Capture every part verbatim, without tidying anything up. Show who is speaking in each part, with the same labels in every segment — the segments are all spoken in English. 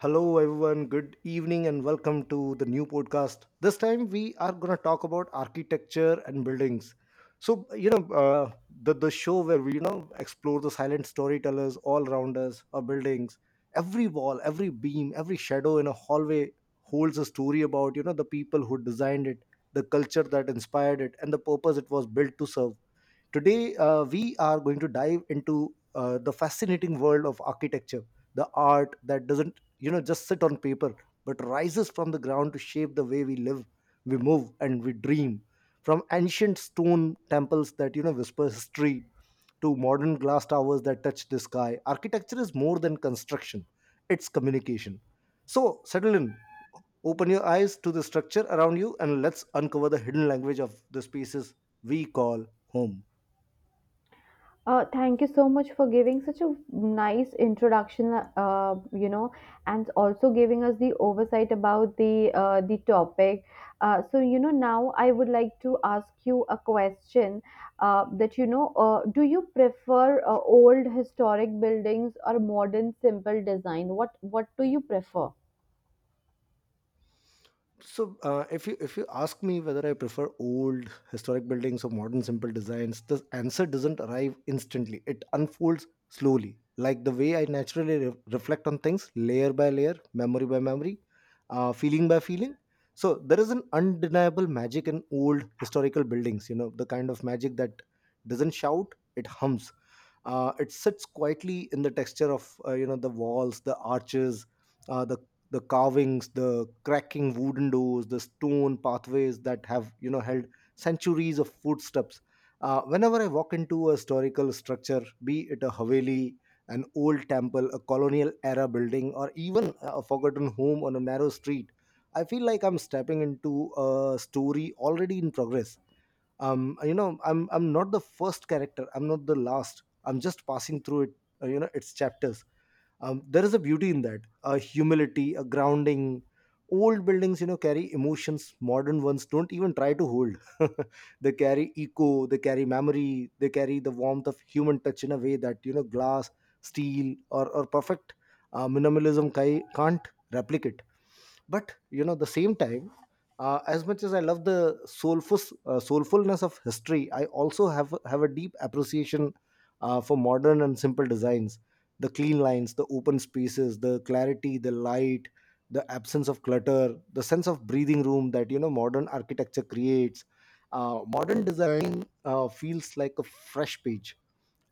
Speaker 1: Hello, everyone. Good evening, and welcome to the new podcast. This time, we are going to talk about architecture and buildings. So, you know, uh, the the show where we you know explore the silent storytellers all around us, our buildings. Every wall, every beam, every shadow in a hallway holds a story about you know the people who designed it, the culture that inspired it, and the purpose it was built to serve. Today, uh, we are going to dive into uh, the fascinating world of architecture, the art that doesn't, you know, just sit on paper, but rises from the ground to shape the way we live, we move, and we dream. From ancient stone temples that, you know, whisper history to modern glass towers that touch the sky, architecture is more than construction, it's communication. So, settle in, open your eyes to the structure around you, and let's uncover the hidden language of the spaces we call home.
Speaker 2: Uh, thank you so much for giving such a nice introduction, uh, you know, and also giving us the oversight about the uh, the topic. Uh, so, you know, now I would like to ask you a question uh, that, you know, uh, do you prefer uh, old historic buildings or modern simple design? What what do you prefer?
Speaker 1: So, uh, if you if you ask me whether I prefer old historic buildings or modern simple designs, the answer doesn't arrive instantly. It unfolds slowly, like the way I naturally re- reflect on things, layer by layer, memory by memory, uh, feeling by feeling. So there is an undeniable magic in old historical buildings. You know, the kind of magic that doesn't shout; it hums. Uh, it sits quietly in the texture of uh, you know the walls, the arches, uh, the the carvings, the cracking wooden doors, the stone pathways that have you know held centuries of footsteps. Uh, whenever I walk into a historical structure, be it a haveli, an old temple, a colonial era building, or even a forgotten home on a narrow street, I feel like I'm stepping into a story already in progress. um you know i'm i'm not the first character, I'm not the last, I'm just passing through it uh, you know its chapters. Um, there is a beauty in that, a humility, a grounding. Old buildings, you know carry emotions modern ones don't even try to hold. They carry echo, they carry memory, they carry the warmth of human touch in a way that you know glass, steel, or or perfect uh, minimalism ki- can't replicate. But, you know the same time, uh, as much as I love the soulful uh, soulfulness of history, I also have have a deep appreciation uh, for modern and simple designs. The clean lines, the open spaces, the clarity, the light, the absence of clutter, the sense of breathing room that you know modern architecture creates. Uh, modern design uh, feels like a fresh page,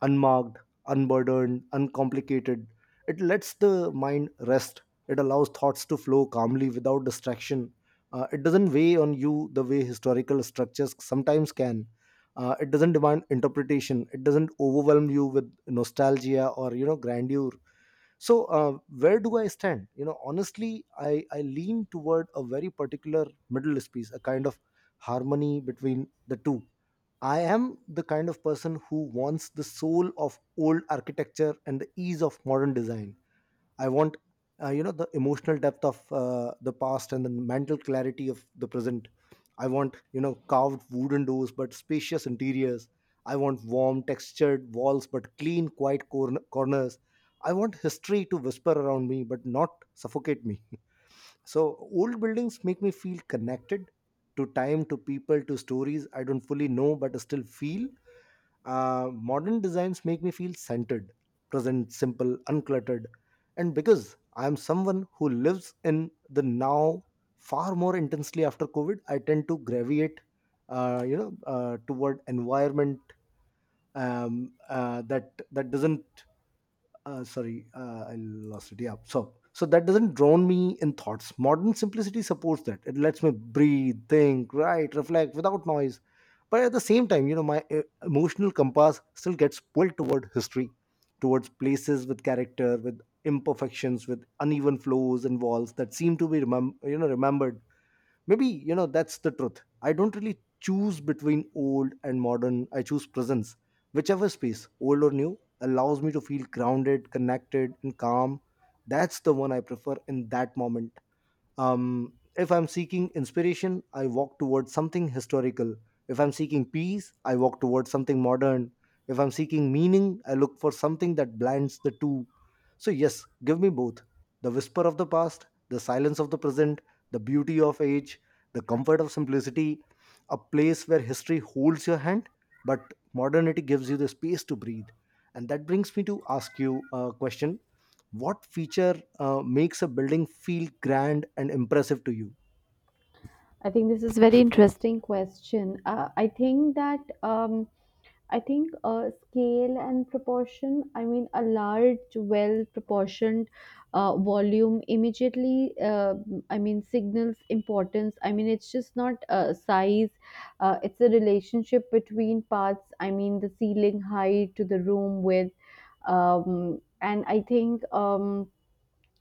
Speaker 1: unmarked, unburdened, uncomplicated. It lets the mind rest. It allows thoughts to flow calmly without distraction. Uh, it doesn't weigh on you the way historical structures sometimes can. Uh, it doesn't demand interpretation. It doesn't overwhelm you with nostalgia or you know grandeur. So uh, where do I stand? You know, honestly, I I lean toward a very particular middle space, a kind of harmony between the two. I am the kind of person who wants the soul of old architecture and the ease of modern design. I want, uh, you know, the emotional depth of uh, the past and the mental clarity of the present. I want, you know, carved wooden doors but spacious interiors. I want warm, textured walls but clean, quiet corn- corners. I want history to whisper around me but not suffocate me. So old buildings make me feel connected to time, to people, to stories I don't fully know but still feel. Uh, modern designs make me feel centered, present, simple, uncluttered. And because I'm someone who lives in the now far more intensely after COVID, I tend to gravitate, uh, you know, uh, toward environment um, uh, that that doesn't— uh, sorry, uh, I lost it. Yeah. So, so that doesn't drown me in thoughts. Modern simplicity supports that. It lets me breathe, think, write, reflect without noise. But at the same time, you know, my uh, emotional compass still gets pulled toward history, towards places with character, with imperfections, with uneven flows and walls that seem to be remem- you know remembered. Maybe, you know that's the truth. I don't really choose between old and modern, I choose presence. Whichever space, old or new, allows me to feel grounded, connected, and calm, that's the one I prefer in that moment. Um, if I'm seeking inspiration, I walk towards something historical. If I'm seeking peace, I walk towards something modern. If I'm seeking meaning, I look for something that blends the two. So, yes, give me both: the whisper of the past, the silence of the present, the beauty of age, the comfort of simplicity, a place where history holds your hand, but modernity gives you the space to breathe. And that brings me to ask you a question: what feature uh, makes a building feel grand and impressive to you?
Speaker 2: I think this is very interesting question. Uh, I think that um, I think uh, scale and proportion. I mean, a large, well-proportioned uh, volume immediately. Uh, I mean, signals importance. I mean, it's just not uh, size. Uh, it's a relationship between parts. I mean, the ceiling height to the room width, um, and I think. Um,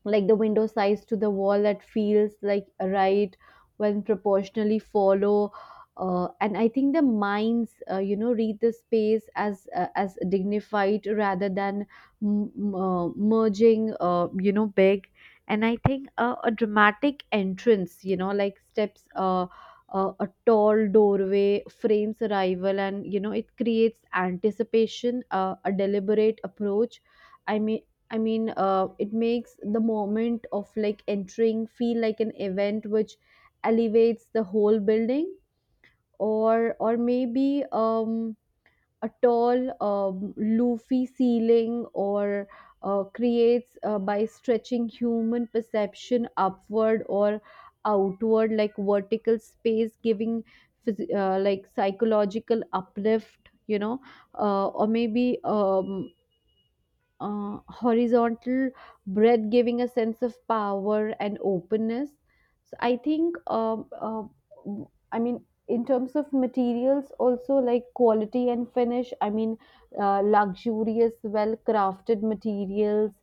Speaker 2: like the window size to the wall that feels like right when proportionally follow uh, and I think the minds uh, you know read the space as uh, as dignified rather than m- m- uh, merging uh, you know big. And I think uh, a dramatic entrance, you know, like steps, uh, uh, a tall doorway frames arrival, and you know it creates anticipation, uh, a deliberate approach. I mean, I mean, uh, it makes the moment of like entering feel like an event, which elevates the whole building. Or or maybe um, a tall um, loofy ceiling, or uh, creates uh, by stretching human perception upward or outward, like vertical space, giving phys- uh, like psychological uplift, you know, uh, or maybe um, uh, horizontal breath, giving a sense of power and openness. So I think, um, uh, I mean, in terms of materials also, like quality and finish. I mean, uh, luxurious, well crafted materials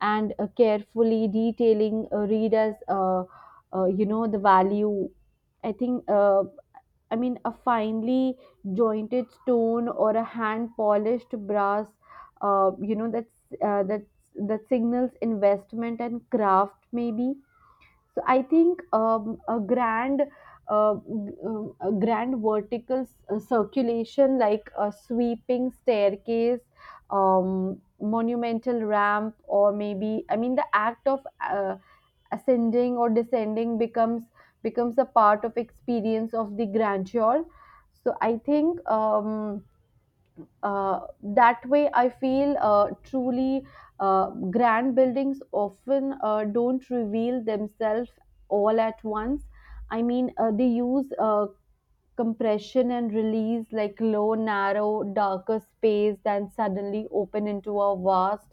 Speaker 2: and uh, carefully detailing uh, read as uh, uh, you know the value. I think uh, I mean, a finely jointed stone or a hand polished brass, uh, you know that's uh, that that signals investment and craft, maybe. So I think, um, a grand uh, g- um, a grand vertical s- uh, circulation, like a sweeping staircase, um, monumental ramp, or maybe, I mean, the act of uh, ascending or descending becomes becomes a part of experience of the grandeur. So I think, um, uh, that way I feel uh, truly uh, grand buildings often uh, don't reveal themselves all at once. I mean, uh, they use uh, compression and release, like low, narrow, darker space, then suddenly open into a vast,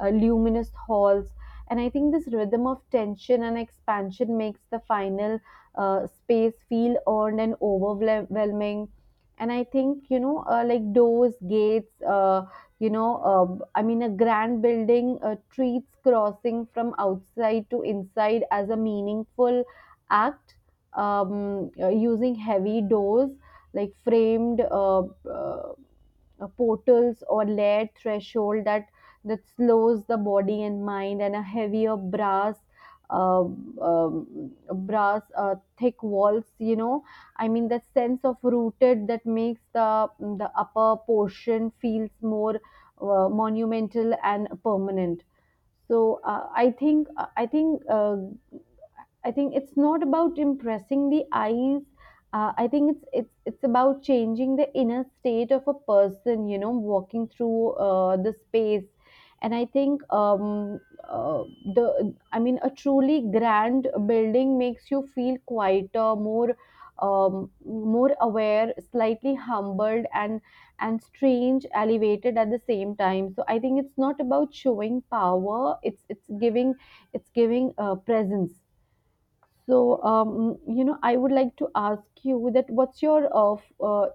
Speaker 2: uh, luminous halls. And I think this rhythm of tension and expansion makes the final uh, space feel earned and overwhelming. And I think, you know, uh, like doors, gates, uh, you know, uh, I mean, a grand building uh, treats crossing from outside to inside as a meaningful act, um, uh, using heavy doors, like framed uh, uh, uh, portals or layered threshold that that slows the body and mind, and a heavier brass uh, um, brass uh, thick walls, you know, I mean that sense of rooted that makes the the upper portion feels more uh, monumental and permanent. So uh, i think i think uh, I think it's not about impressing the eyes. Uh, I think it's it's it's about changing the inner state of a person, you know, walking through uh, the space. And I think, um, uh, the I mean, a truly grand building makes you feel quieter, more, um, more aware, slightly humbled, and and strange, elevated at the same time. So I think it's not about showing power. It's it's giving it's giving uh, presence. So, um, you know, I would like to ask you that what's your uh, f- uh,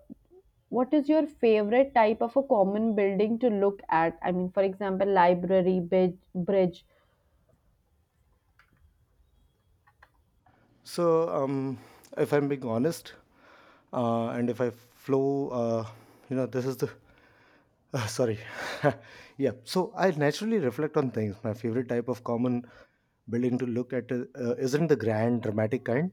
Speaker 2: what is your favorite type of a common building to look at? I mean, for example, library, bridge, bridge.
Speaker 1: So, um, if I'm being honest, uh, and if I flow, uh, you know, this is the— uh, sorry, yeah. So I naturally reflect on things. My favorite type of common building to look at uh, uh, isn't the grand, dramatic kind.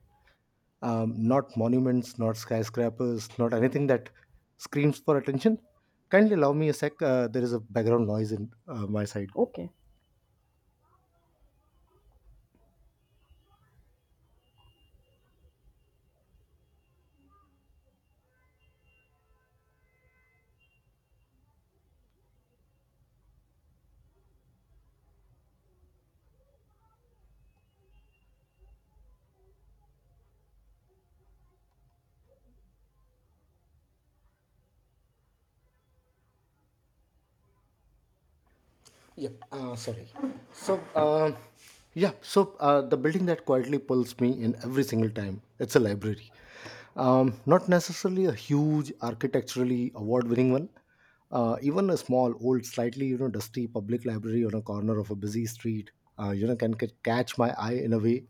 Speaker 1: Um, not monuments, not skyscrapers, not anything that screams for attention. Kindly allow me a sec. Uh, there is a background noise in uh, my side.
Speaker 2: Okay.
Speaker 1: Yeah, uh, sorry. So, um, yeah, so uh, the building that quietly pulls me in every single time, it's a library. Um, not necessarily a huge, architecturally award-winning one. Uh, even a small, old, slightly, you know, dusty public library on a corner of a busy street, uh, you know, can, can catch my eye in a way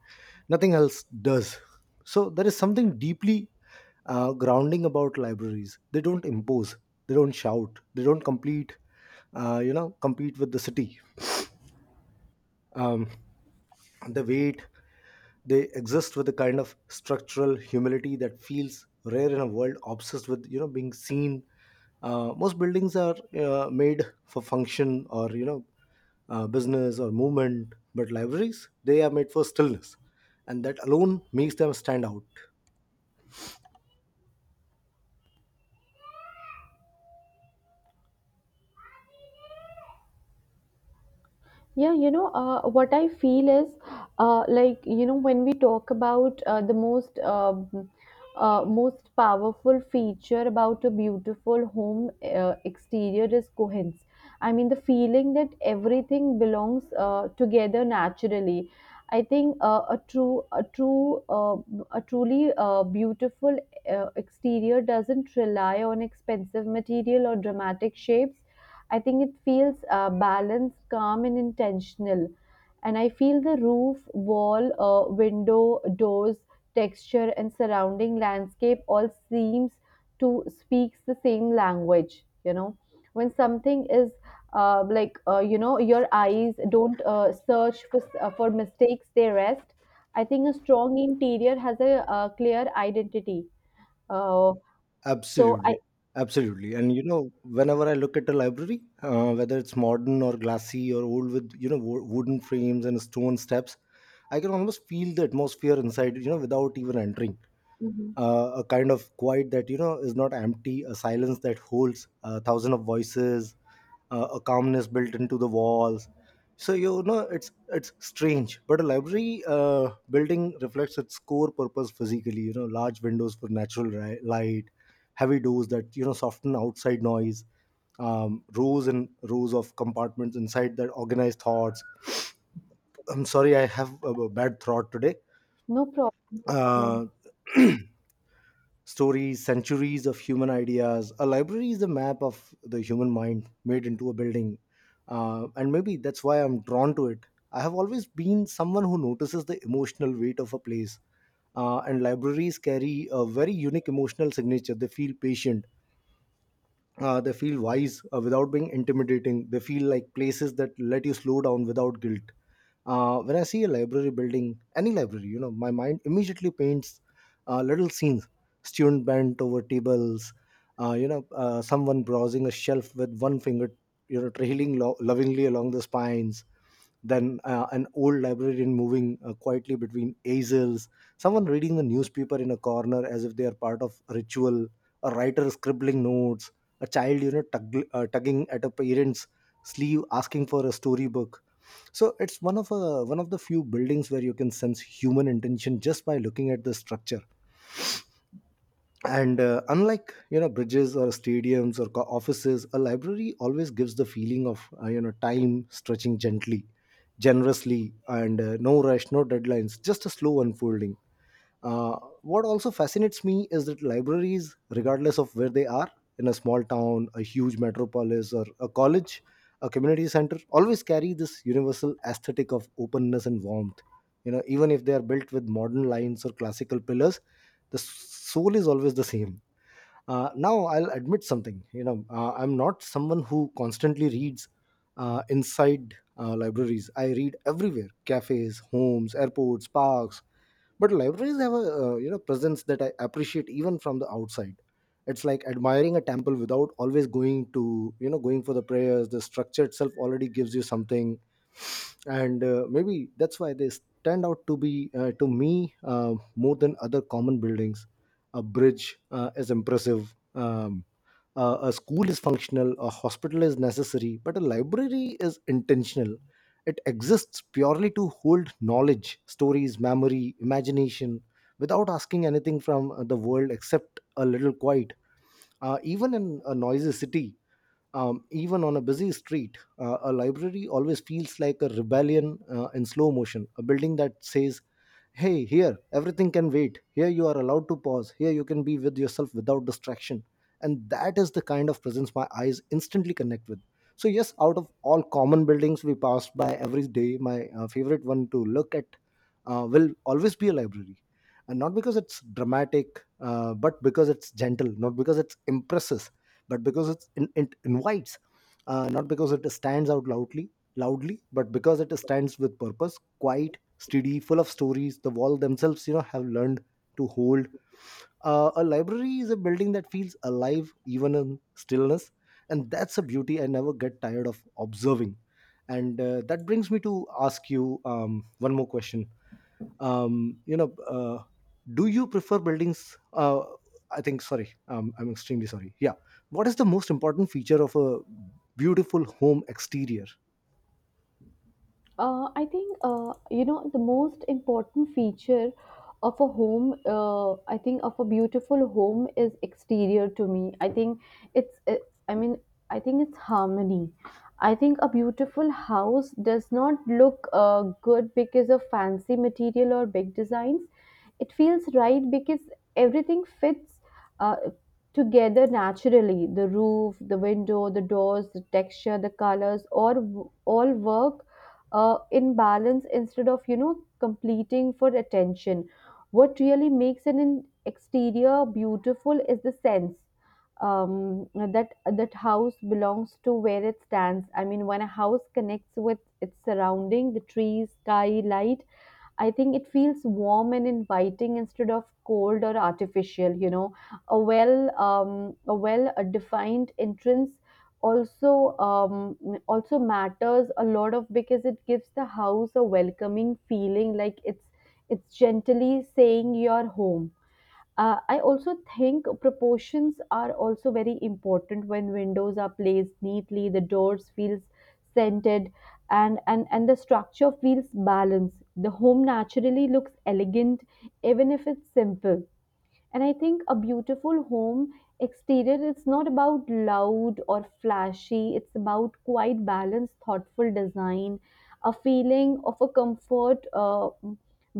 Speaker 1: nothing else does. So there is something deeply uh, grounding about libraries. They don't impose, they don't shout, they don't complete, uh, you know, compete with the city. um, the weight, they exist with a kind of structural humility that feels rare in a world obsessed with you know being seen. Uh, most buildings are uh, made for function or, you know uh, business or movement, but libraries, they are made for stillness, and that alone makes them stand out.
Speaker 2: Yeah, you know, uh, what I feel is uh, like, you know, when we talk about uh, the most um uh, most powerful feature about a beautiful home uh, exterior is coherence. I mean, the feeling that everything belongs uh, together naturally. I think uh, a true, a true, uh, a truly uh, beautiful uh, exterior doesn't rely on expensive material or dramatic shapes. I think it feels uh, balanced, calm, and intentional. And I feel the roof, wall, uh, window, doors, texture, and surrounding landscape all seems to speaks the same language. You know, when something is uh, like uh, you know, your eyes don't uh, search for uh, for mistakes; they rest. I think a strong interior has a, uh clear identity. Uh, so I
Speaker 1: Absolutely, absolutely. And, you know, whenever I look at a library, uh, whether it's modern or glassy or old with you know wo- wooden frames and stone steps, I can almost feel the atmosphere inside. You know, without even entering
Speaker 2: Mhm.
Speaker 1: uh, a kind of quiet that, you know is not empty, a silence that holds a thousand of voices, uh, a calmness built into the walls. So, you know, it's it's strange, but a library uh, building reflects its core purpose physically. You know, large windows for natural ri- light, heavy doors that, you know soften outside noise, um, rows and rows of compartments inside that organize thoughts. I'm sorry, I have a a bad throat today.
Speaker 2: No problem. No problem.
Speaker 1: Uh, Stories, centuries of human ideas. A library is a map of the human mind made into a building. Uh, and maybe that's why I'm drawn to it. I have always been someone who notices the emotional weight of a place. Uh, and libraries carry a very unique emotional signature. They feel patient, uh, they feel wise uh, without being intimidating. They feel like places that let you slow down without guilt. Uh, when I see a library building, any library, you know, my mind immediately paints uh, little scenes: student bent over tables, uh, you know uh, someone browsing a shelf with one finger, you know trailing lo- lovingly along the spines, then uh, an old librarian moving uh, quietly between aisles, someone reading the newspaper in a corner as if they are part of a ritual, a writer scribbling notes, a child, you know tug, uh, tugging at a parent's sleeve asking for a storybook. So it's one of a one of the few buildings where you can sense human intention just by looking at the structure. And, uh, unlike, you know bridges or stadiums or co- offices, a library always gives the feeling of, uh, you know time stretching gently, generously, and, uh, no rush, no deadlines, just a slow unfolding. Uh, what also fascinates me is that libraries, regardless of where they are, in a small town, a huge metropolis, or a college, a community center, always carry this universal aesthetic of openness and warmth. You know, even if they are built with modern lines or classical pillars, the soul is always the same. Uh, now, I'll admit something. You know, uh, I'm not someone who constantly reads uh, inside uh, libraries. I read everywhere: cafes, homes, airports, parks, but libraries have a uh, you know presence that I appreciate even from the outside. It's like admiring a temple without always going to, you know going for the prayers. The structure itself already gives you something. And uh, maybe that's why they stand out to be uh, to me, uh, more than other common buildings. A bridge uh, is impressive. um, uh, a a school is functional, a hospital is necessary, but a library is intentional. It exists purely to hold knowledge, stories, memory, imagination, without asking anything from uh, the world except a little quiet. Uh, even in a noisy city, um, even on a busy street, uh, a library always feels like a rebellion uh, in slow motion, a building that says, "Hey, here, everything can wait. Here, you are allowed to pause. Here, you can be with yourself without distraction." And that is the kind of presence my eyes instantly connect with. So, yes, out of all common buildings we pass by every day, my uh, favorite one to look at uh, will always be a library. And not because it's dramatic, uh, but because it's gentle, not because it's impressive but because it's, it, it invites, uh, not because it stands out loudly— loudly but because it stands with purpose, quiet, steady, full of stories the wall themselves you know have learned to hold. Uh, a library is a building that feels alive even in stillness, and that's a beauty I never get tired of observing. And uh, that brings me to ask you um, one more question. um, you know uh, do you prefer buildings uh, I think, sorry, um, I'm extremely sorry. Yeah, what is the most important feature of a beautiful home exterior?
Speaker 2: Uh, I think uh, you know the most important feature of a home. Uh, I think of a beautiful home is exterior to me. I think it's. uh, I mean, I think it's harmony. I think a beautiful house does not look uh, good because of fancy material or big designs. It feels right because everything fits uh, together naturally. The roof, the window, the doors, the texture, the colors, or all all work uh, in balance instead of you know completing for attention. What really makes an in- exterior beautiful is the sense um, that that house belongs to where it stands. I mean, when a house connects with its surrounding, the trees, sky, light, I think it feels warm and inviting instead of cold or artificial. You know, a well um, a well uh, defined entrance also um, also matters a lot of because it gives the house a welcoming feeling, like it's it's gently saying you're home. Uh, I also think proportions are also very important when windows are placed neatly, the doors feels centered, and, and, and the structure feels balanced. The home naturally looks elegant, even if it's simple. And I think a beautiful home exterior is not about loud or flashy, it's about quite balanced, thoughtful design, a feeling of a comfort uh,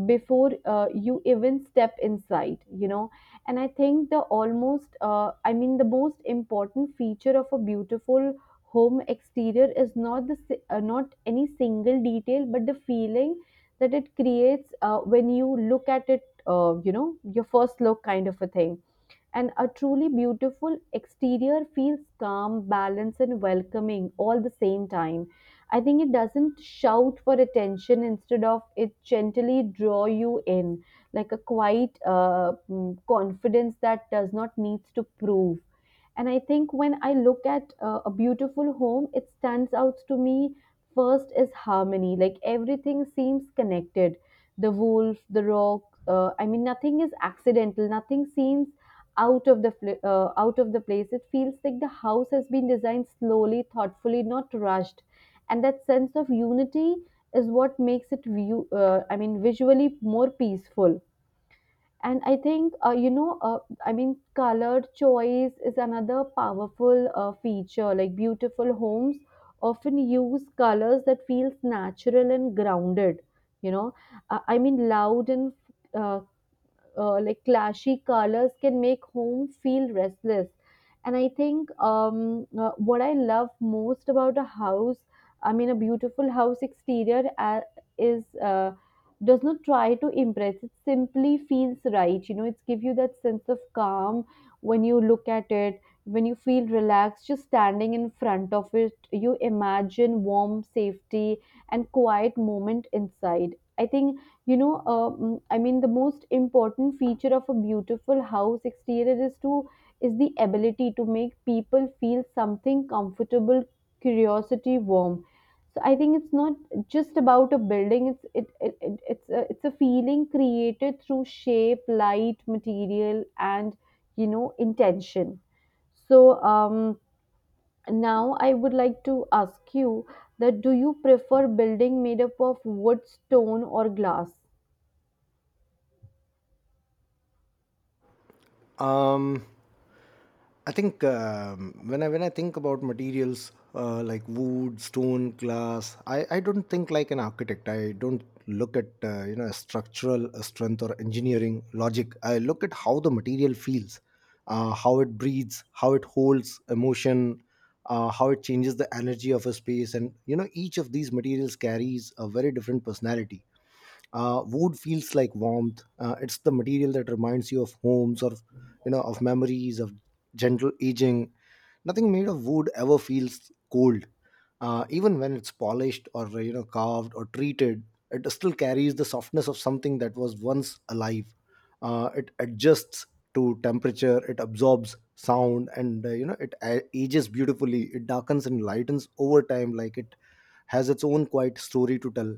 Speaker 2: before uh, you even step inside, you know. And I think the almost, uh, I mean, the most important feature of a beautiful home exterior is not the si- uh, not any single detail but the feeling that it creates uh, when you look at it, uh, you know, your first look kind of a thing. And a truly beautiful exterior feels calm, balanced, and welcoming all the same time. I think it doesn't shout for attention, instead of it gently draw you in, like a quiet uh, mm, confidence that does not needs to prove. And I think when I look at uh, a beautiful home, it stands out to me first is harmony. Like everything seems connected. The wolf, the rock. Uh, I mean, nothing is accidental. Nothing seems out of the fl- uh, out of the place. It feels like the house has been designed slowly, thoughtfully, not rushed, and that sense of unity is what makes it view uh, I mean visually more peaceful. And I think uh, you know uh, I mean color choice is another powerful uh, feature, like beautiful homes often use colors that feels natural and grounded, you know. uh, I mean, loud and uh, uh, like clashy colors can make home feel restless. And I think, um, uh, what I love most about a house, I mean a beautiful house exterior, uh, is uh, does not try to impress. It simply feels right, you know. It's give you that sense of calm when you look at it, when you feel relaxed just standing in front of it. You imagine warm safety and quiet moment inside. I think, you know uh, mm, I mean, the most important feature of a beautiful house exterior is to is the ability to make people feel something comfortable, curiosity, warm. So I think it's not just about a building, it's it, it, it it's a, it's a feeling created through shape, light, material, and you know intention. So, um now I would like to ask you that do you prefer building made up of wood, stone, or glass?
Speaker 1: Um, I think um, when I when I think about materials uh, like wood, stone, glass, I, I don't think like an architect. I don't look at uh, you know structural strength or engineering logic. I look at how the material feels, uh, how it breathes, how it holds emotion, uh, how it changes the energy of a space. And you know, each of these materials carries a very different personality. Uh, wood feels like warmth. Uh, it's the material that reminds you of homes, or you know of memories of gentle aging. Nothing made of wood ever feels cold, uh, even when it's polished or you know carved or treated. It still carries the softness of something that was once alive. Uh, it adjusts to temperature. It absorbs sound, and uh, you know it a- ages beautifully. It darkens and lightens over time, like it has its own quiet story to tell.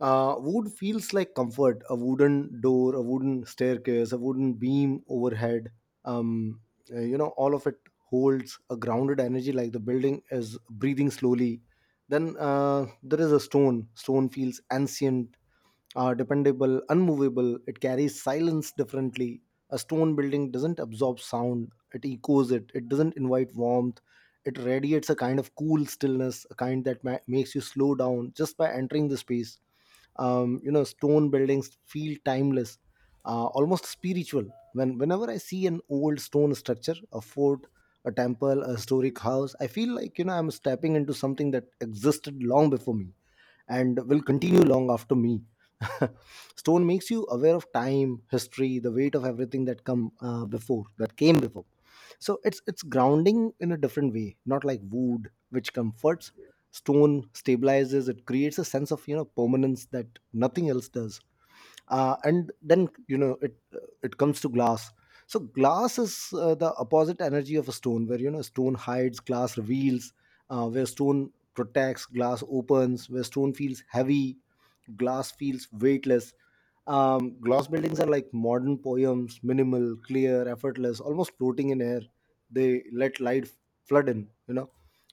Speaker 1: uh, Wood feels like comfort: a wooden door, a wooden staircase, a wooden beam overhead. Um, uh, you know, all of it holds a grounded energy, like the building is breathing slowly. Then uh, there is a stone. Stone feels ancient, are dependable, unmovable. It carries silence differently. A stone building doesn't absorb sound, it echoes it, it doesn't invite warmth. It radiates a kind of cool stillness, a kind that ma- makes you slow down just by entering the space. Um, you know, stone buildings feel timeless, uh, almost spiritual. When whenever I see an old stone structure, a fort, a temple, a historic house, I feel like you know I'm stepping into something that existed long before me and will continue long after me. Stone makes you aware of time, history, the weight of everything that come uh, before, that came before. So it's it's grounding in a different way, not like wood, which comforts. Stone stabilizes. It creates a sense of you know permanence that nothing else does. Uh, and then you know it it comes to glass. So glass is uh, the opposite energy of a stone. Where you know stone hides, glass reveals. Uh, where stone protects, glass opens. Where stone feels heavy, glass feels weightless. Um, glass buildings are like modern poems: minimal, clear, effortless, almost floating in air. They let light flood in, you know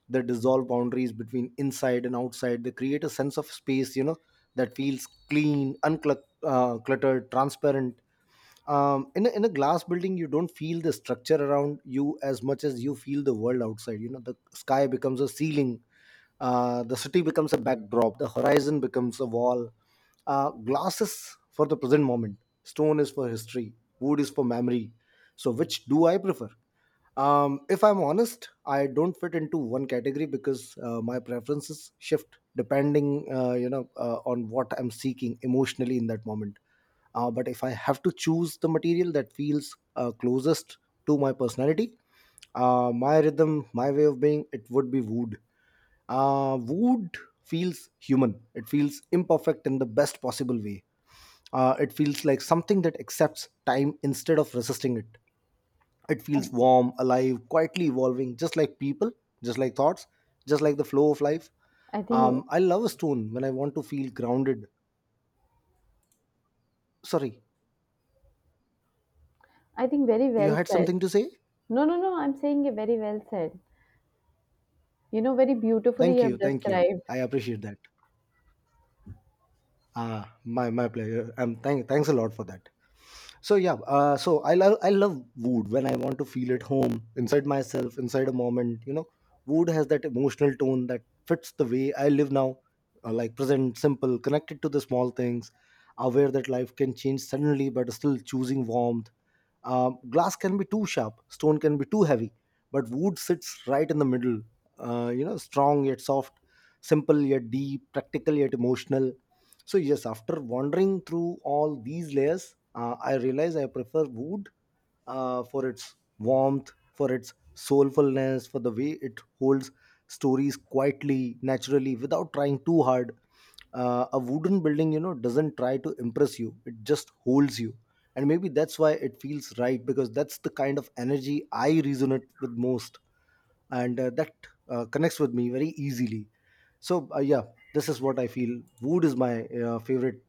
Speaker 1: they dissolve boundaries between inside and outside. They create a sense of space, you know that feels clean, uncluttered uh, cluttered, transparent. Um, in a, in a glass building, you don't feel the structure around you as much as you feel the world outside. You know, the sky becomes a ceiling, uh, the city becomes a backdrop, the horizon becomes a wall. Uh, glass is for the present moment, stone is for history, wood is for memory. So, which do I prefer? Um, if I'm honest, I don't fit into one category because uh, my preferences shift depending, uh, you know, uh, on what I'm seeking emotionally in that moment. Uh, but if I have to choose the material that feels uh, closest to my personality, uh, my rhythm, my way of being, it would be wood. Uh, wood feels human, it feels imperfect in the best possible way. Uh, it feels like something that accepts time instead of resisting it. It feels warm, alive, quietly evolving, just like people, just like thoughts, just like the flow of life.
Speaker 2: I think
Speaker 1: um, I love a stone when I want to feel grounded. Sorry,
Speaker 2: I think very
Speaker 1: you
Speaker 2: well
Speaker 1: had
Speaker 2: said.
Speaker 1: something to say.
Speaker 2: No, no, no, I'm saying it very well said. You know, very beautifully
Speaker 1: Thank
Speaker 2: you have
Speaker 1: you, thank you.
Speaker 2: described.
Speaker 1: I appreciate that. Ah, my my pleasure. Um, thank thanks a lot for that. So yeah, uh, so i love i love wood when I want to feel at home inside myself, inside a moment. You know, wood has that emotional tone that fits the way I live now, uh, like present, simple, connected to the small things, aware that life can change suddenly but still choosing warmth. Um, glass can be too sharp, stone can be too heavy, but wood sits right in the middle, uh, you know strong yet soft, simple yet deep, practical yet emotional. So yes, after wandering through all these layers, uh, I realize I prefer wood, uh, for its warmth, for its soulfulness, for the way it holds stories quietly, naturally, without trying too hard. Uh, a wooden building, you know, doesn't try to impress you; it just holds you, and maybe that's why it feels right, because that's the kind of energy I resonate with most, and uh, that uh, connects with me very easily. So uh, yeah, this is what I feel. Wood is my uh, favorite,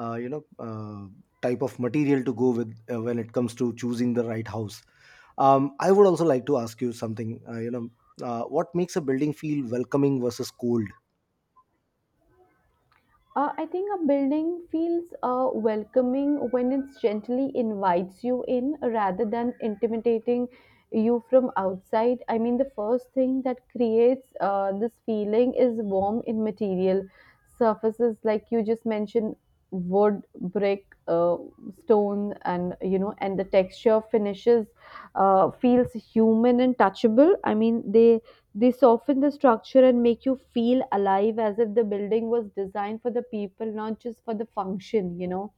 Speaker 1: uh, you know uh, type of material to go with, uh, when it comes to choosing the right house. Um, I would also like to ask you something. Uh, you know uh, what makes a building feel welcoming versus cold?
Speaker 2: Uh, I think a building feels uh, welcoming when it gently invites you in rather than intimidating you from outside. I mean, the first thing that creates uh, this feeling is warm in material surfaces, like you just mentioned wood, brick, uh, stone, and you know, and the texture finishes uh, feels human and touchable. I mean, they they soften the structure and make you feel alive as if the building was designed for the people, not just for the function, you know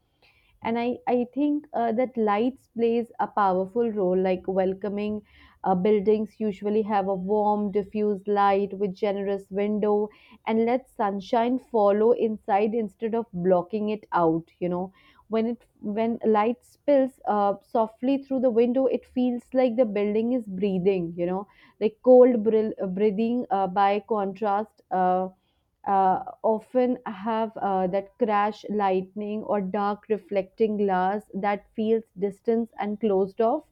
Speaker 2: and i i think uh, that lights plays a powerful role like welcoming uh, buildings usually have a warm diffused light with generous window and let sunshine follow inside instead of blocking it out you know when it when light spills uh, softly through the window it feels like the building is breathing you know like cold brill, breathing. Uh, by contrast, uh, uh, often have uh, that crash lightning or dark reflecting glass that feels distant and closed off.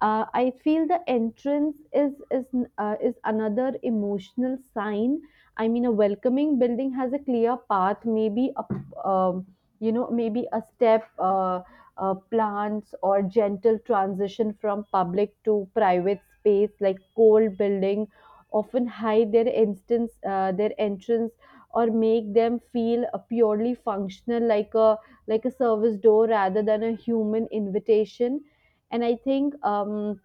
Speaker 2: Uh, I feel the entrance is is uh, is another emotional sign. I mean, a welcoming building has a clear path, maybe a um, you know, maybe a step, uh, uh, plants or gentle transition from public to private space, like cold building often hide their instance uh, their entrance, or make them feel uh, purely functional, like a like a service door rather than a human invitation. and i think um,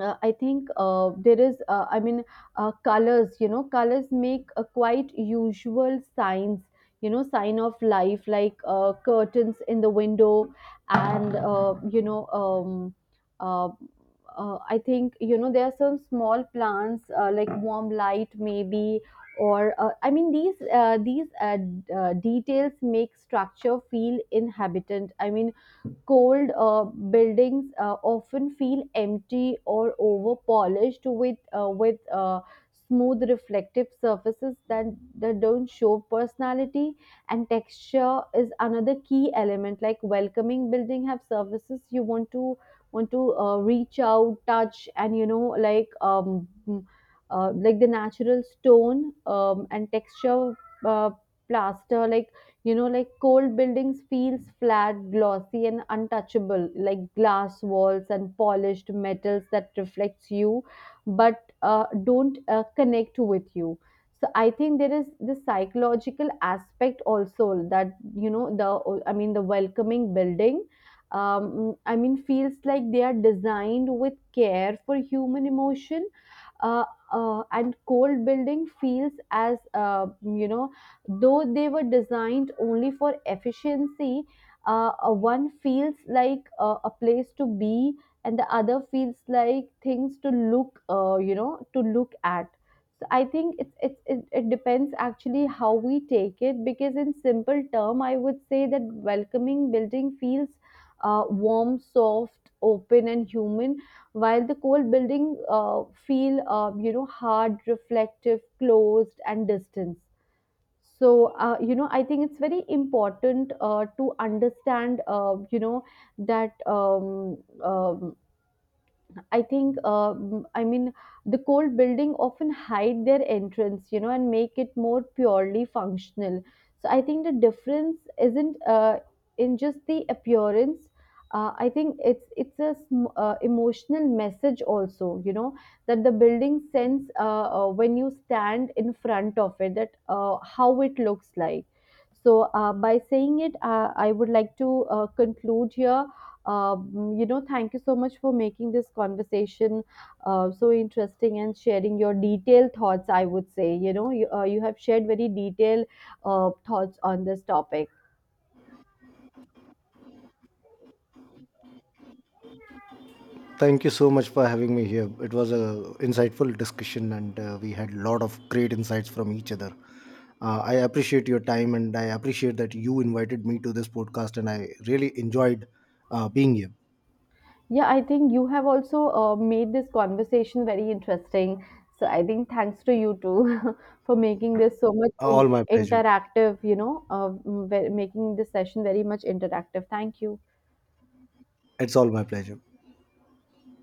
Speaker 2: uh, I think uh, there is, uh, I mean, uh, colors, you know, colors make a quite usual signs, you know, sign of life, like uh, curtains in the window, and, uh, you know, um, uh, uh, I think, you know, there are some small plants, uh, like warm light, maybe. Or uh, I mean, these uh, these uh, d- uh, details make structure feel inhabitant. I mean, cold uh, buildings uh, often feel empty or over polished with uh, with uh, smooth reflective surfaces that, that don't show personality. And texture is another key element. Like welcoming building have surfaces you want to want to uh, reach out touch, and you know, like um mm, uh, like the natural stone, um, and texture, uh, plaster like. You know, like cold buildings feels flat, glossy and untouchable, like glass walls and polished metals that reflects you but uh, don't uh, connect with you. So I think there is this psychological aspect also, that you know, the I mean the welcoming building, um, I mean, feels like they are designed with care for human emotion, uh, uh, and cold building feels as uh, you know, though they were designed only for efficiency. Uh, uh, one feels like uh, a place to be, and the other feels like things to look, uh, you know, to look at. So I think it's, it's it, it depends actually how we take it, because in simple term I would say that welcoming building feels uh, warm, soft, open and human, while the cold building uh, feel um, you know, hard, reflective, closed and distant. So uh, you know, I think it's very important uh, to understand, uh, you know, that um, um, I think, um, I mean, the cold building often hide their entrance, you know, and make it more purely functional. So I think the difference isn't uh, in just the appearance. Uh, I think it's it's a sm- uh, emotional message also, you know, that the building sends, uh, uh, when you stand in front of it, that uh, how it looks like. So uh, by saying it, uh, I would like to uh, conclude here. Um, you know, thank you so much for making this conversation uh, so interesting and sharing your detailed thoughts. I would say, you know, you, uh, you have shared very detailed uh, thoughts on this topic.
Speaker 1: Thank you so much for having me here. It was a insightful discussion, and uh, we had a lot of great insights from each other. uh, I appreciate your time and I appreciate that you invited me to this podcast, and I really enjoyed uh, being here.
Speaker 2: Yeah, I think you have also uh, made this conversation very interesting. So I think thanks to you too for making this so much in-
Speaker 1: All my pleasure.
Speaker 2: interactive, you know, uh, m- ve- making this session very much interactive. Thank you.
Speaker 1: It's all my pleasure.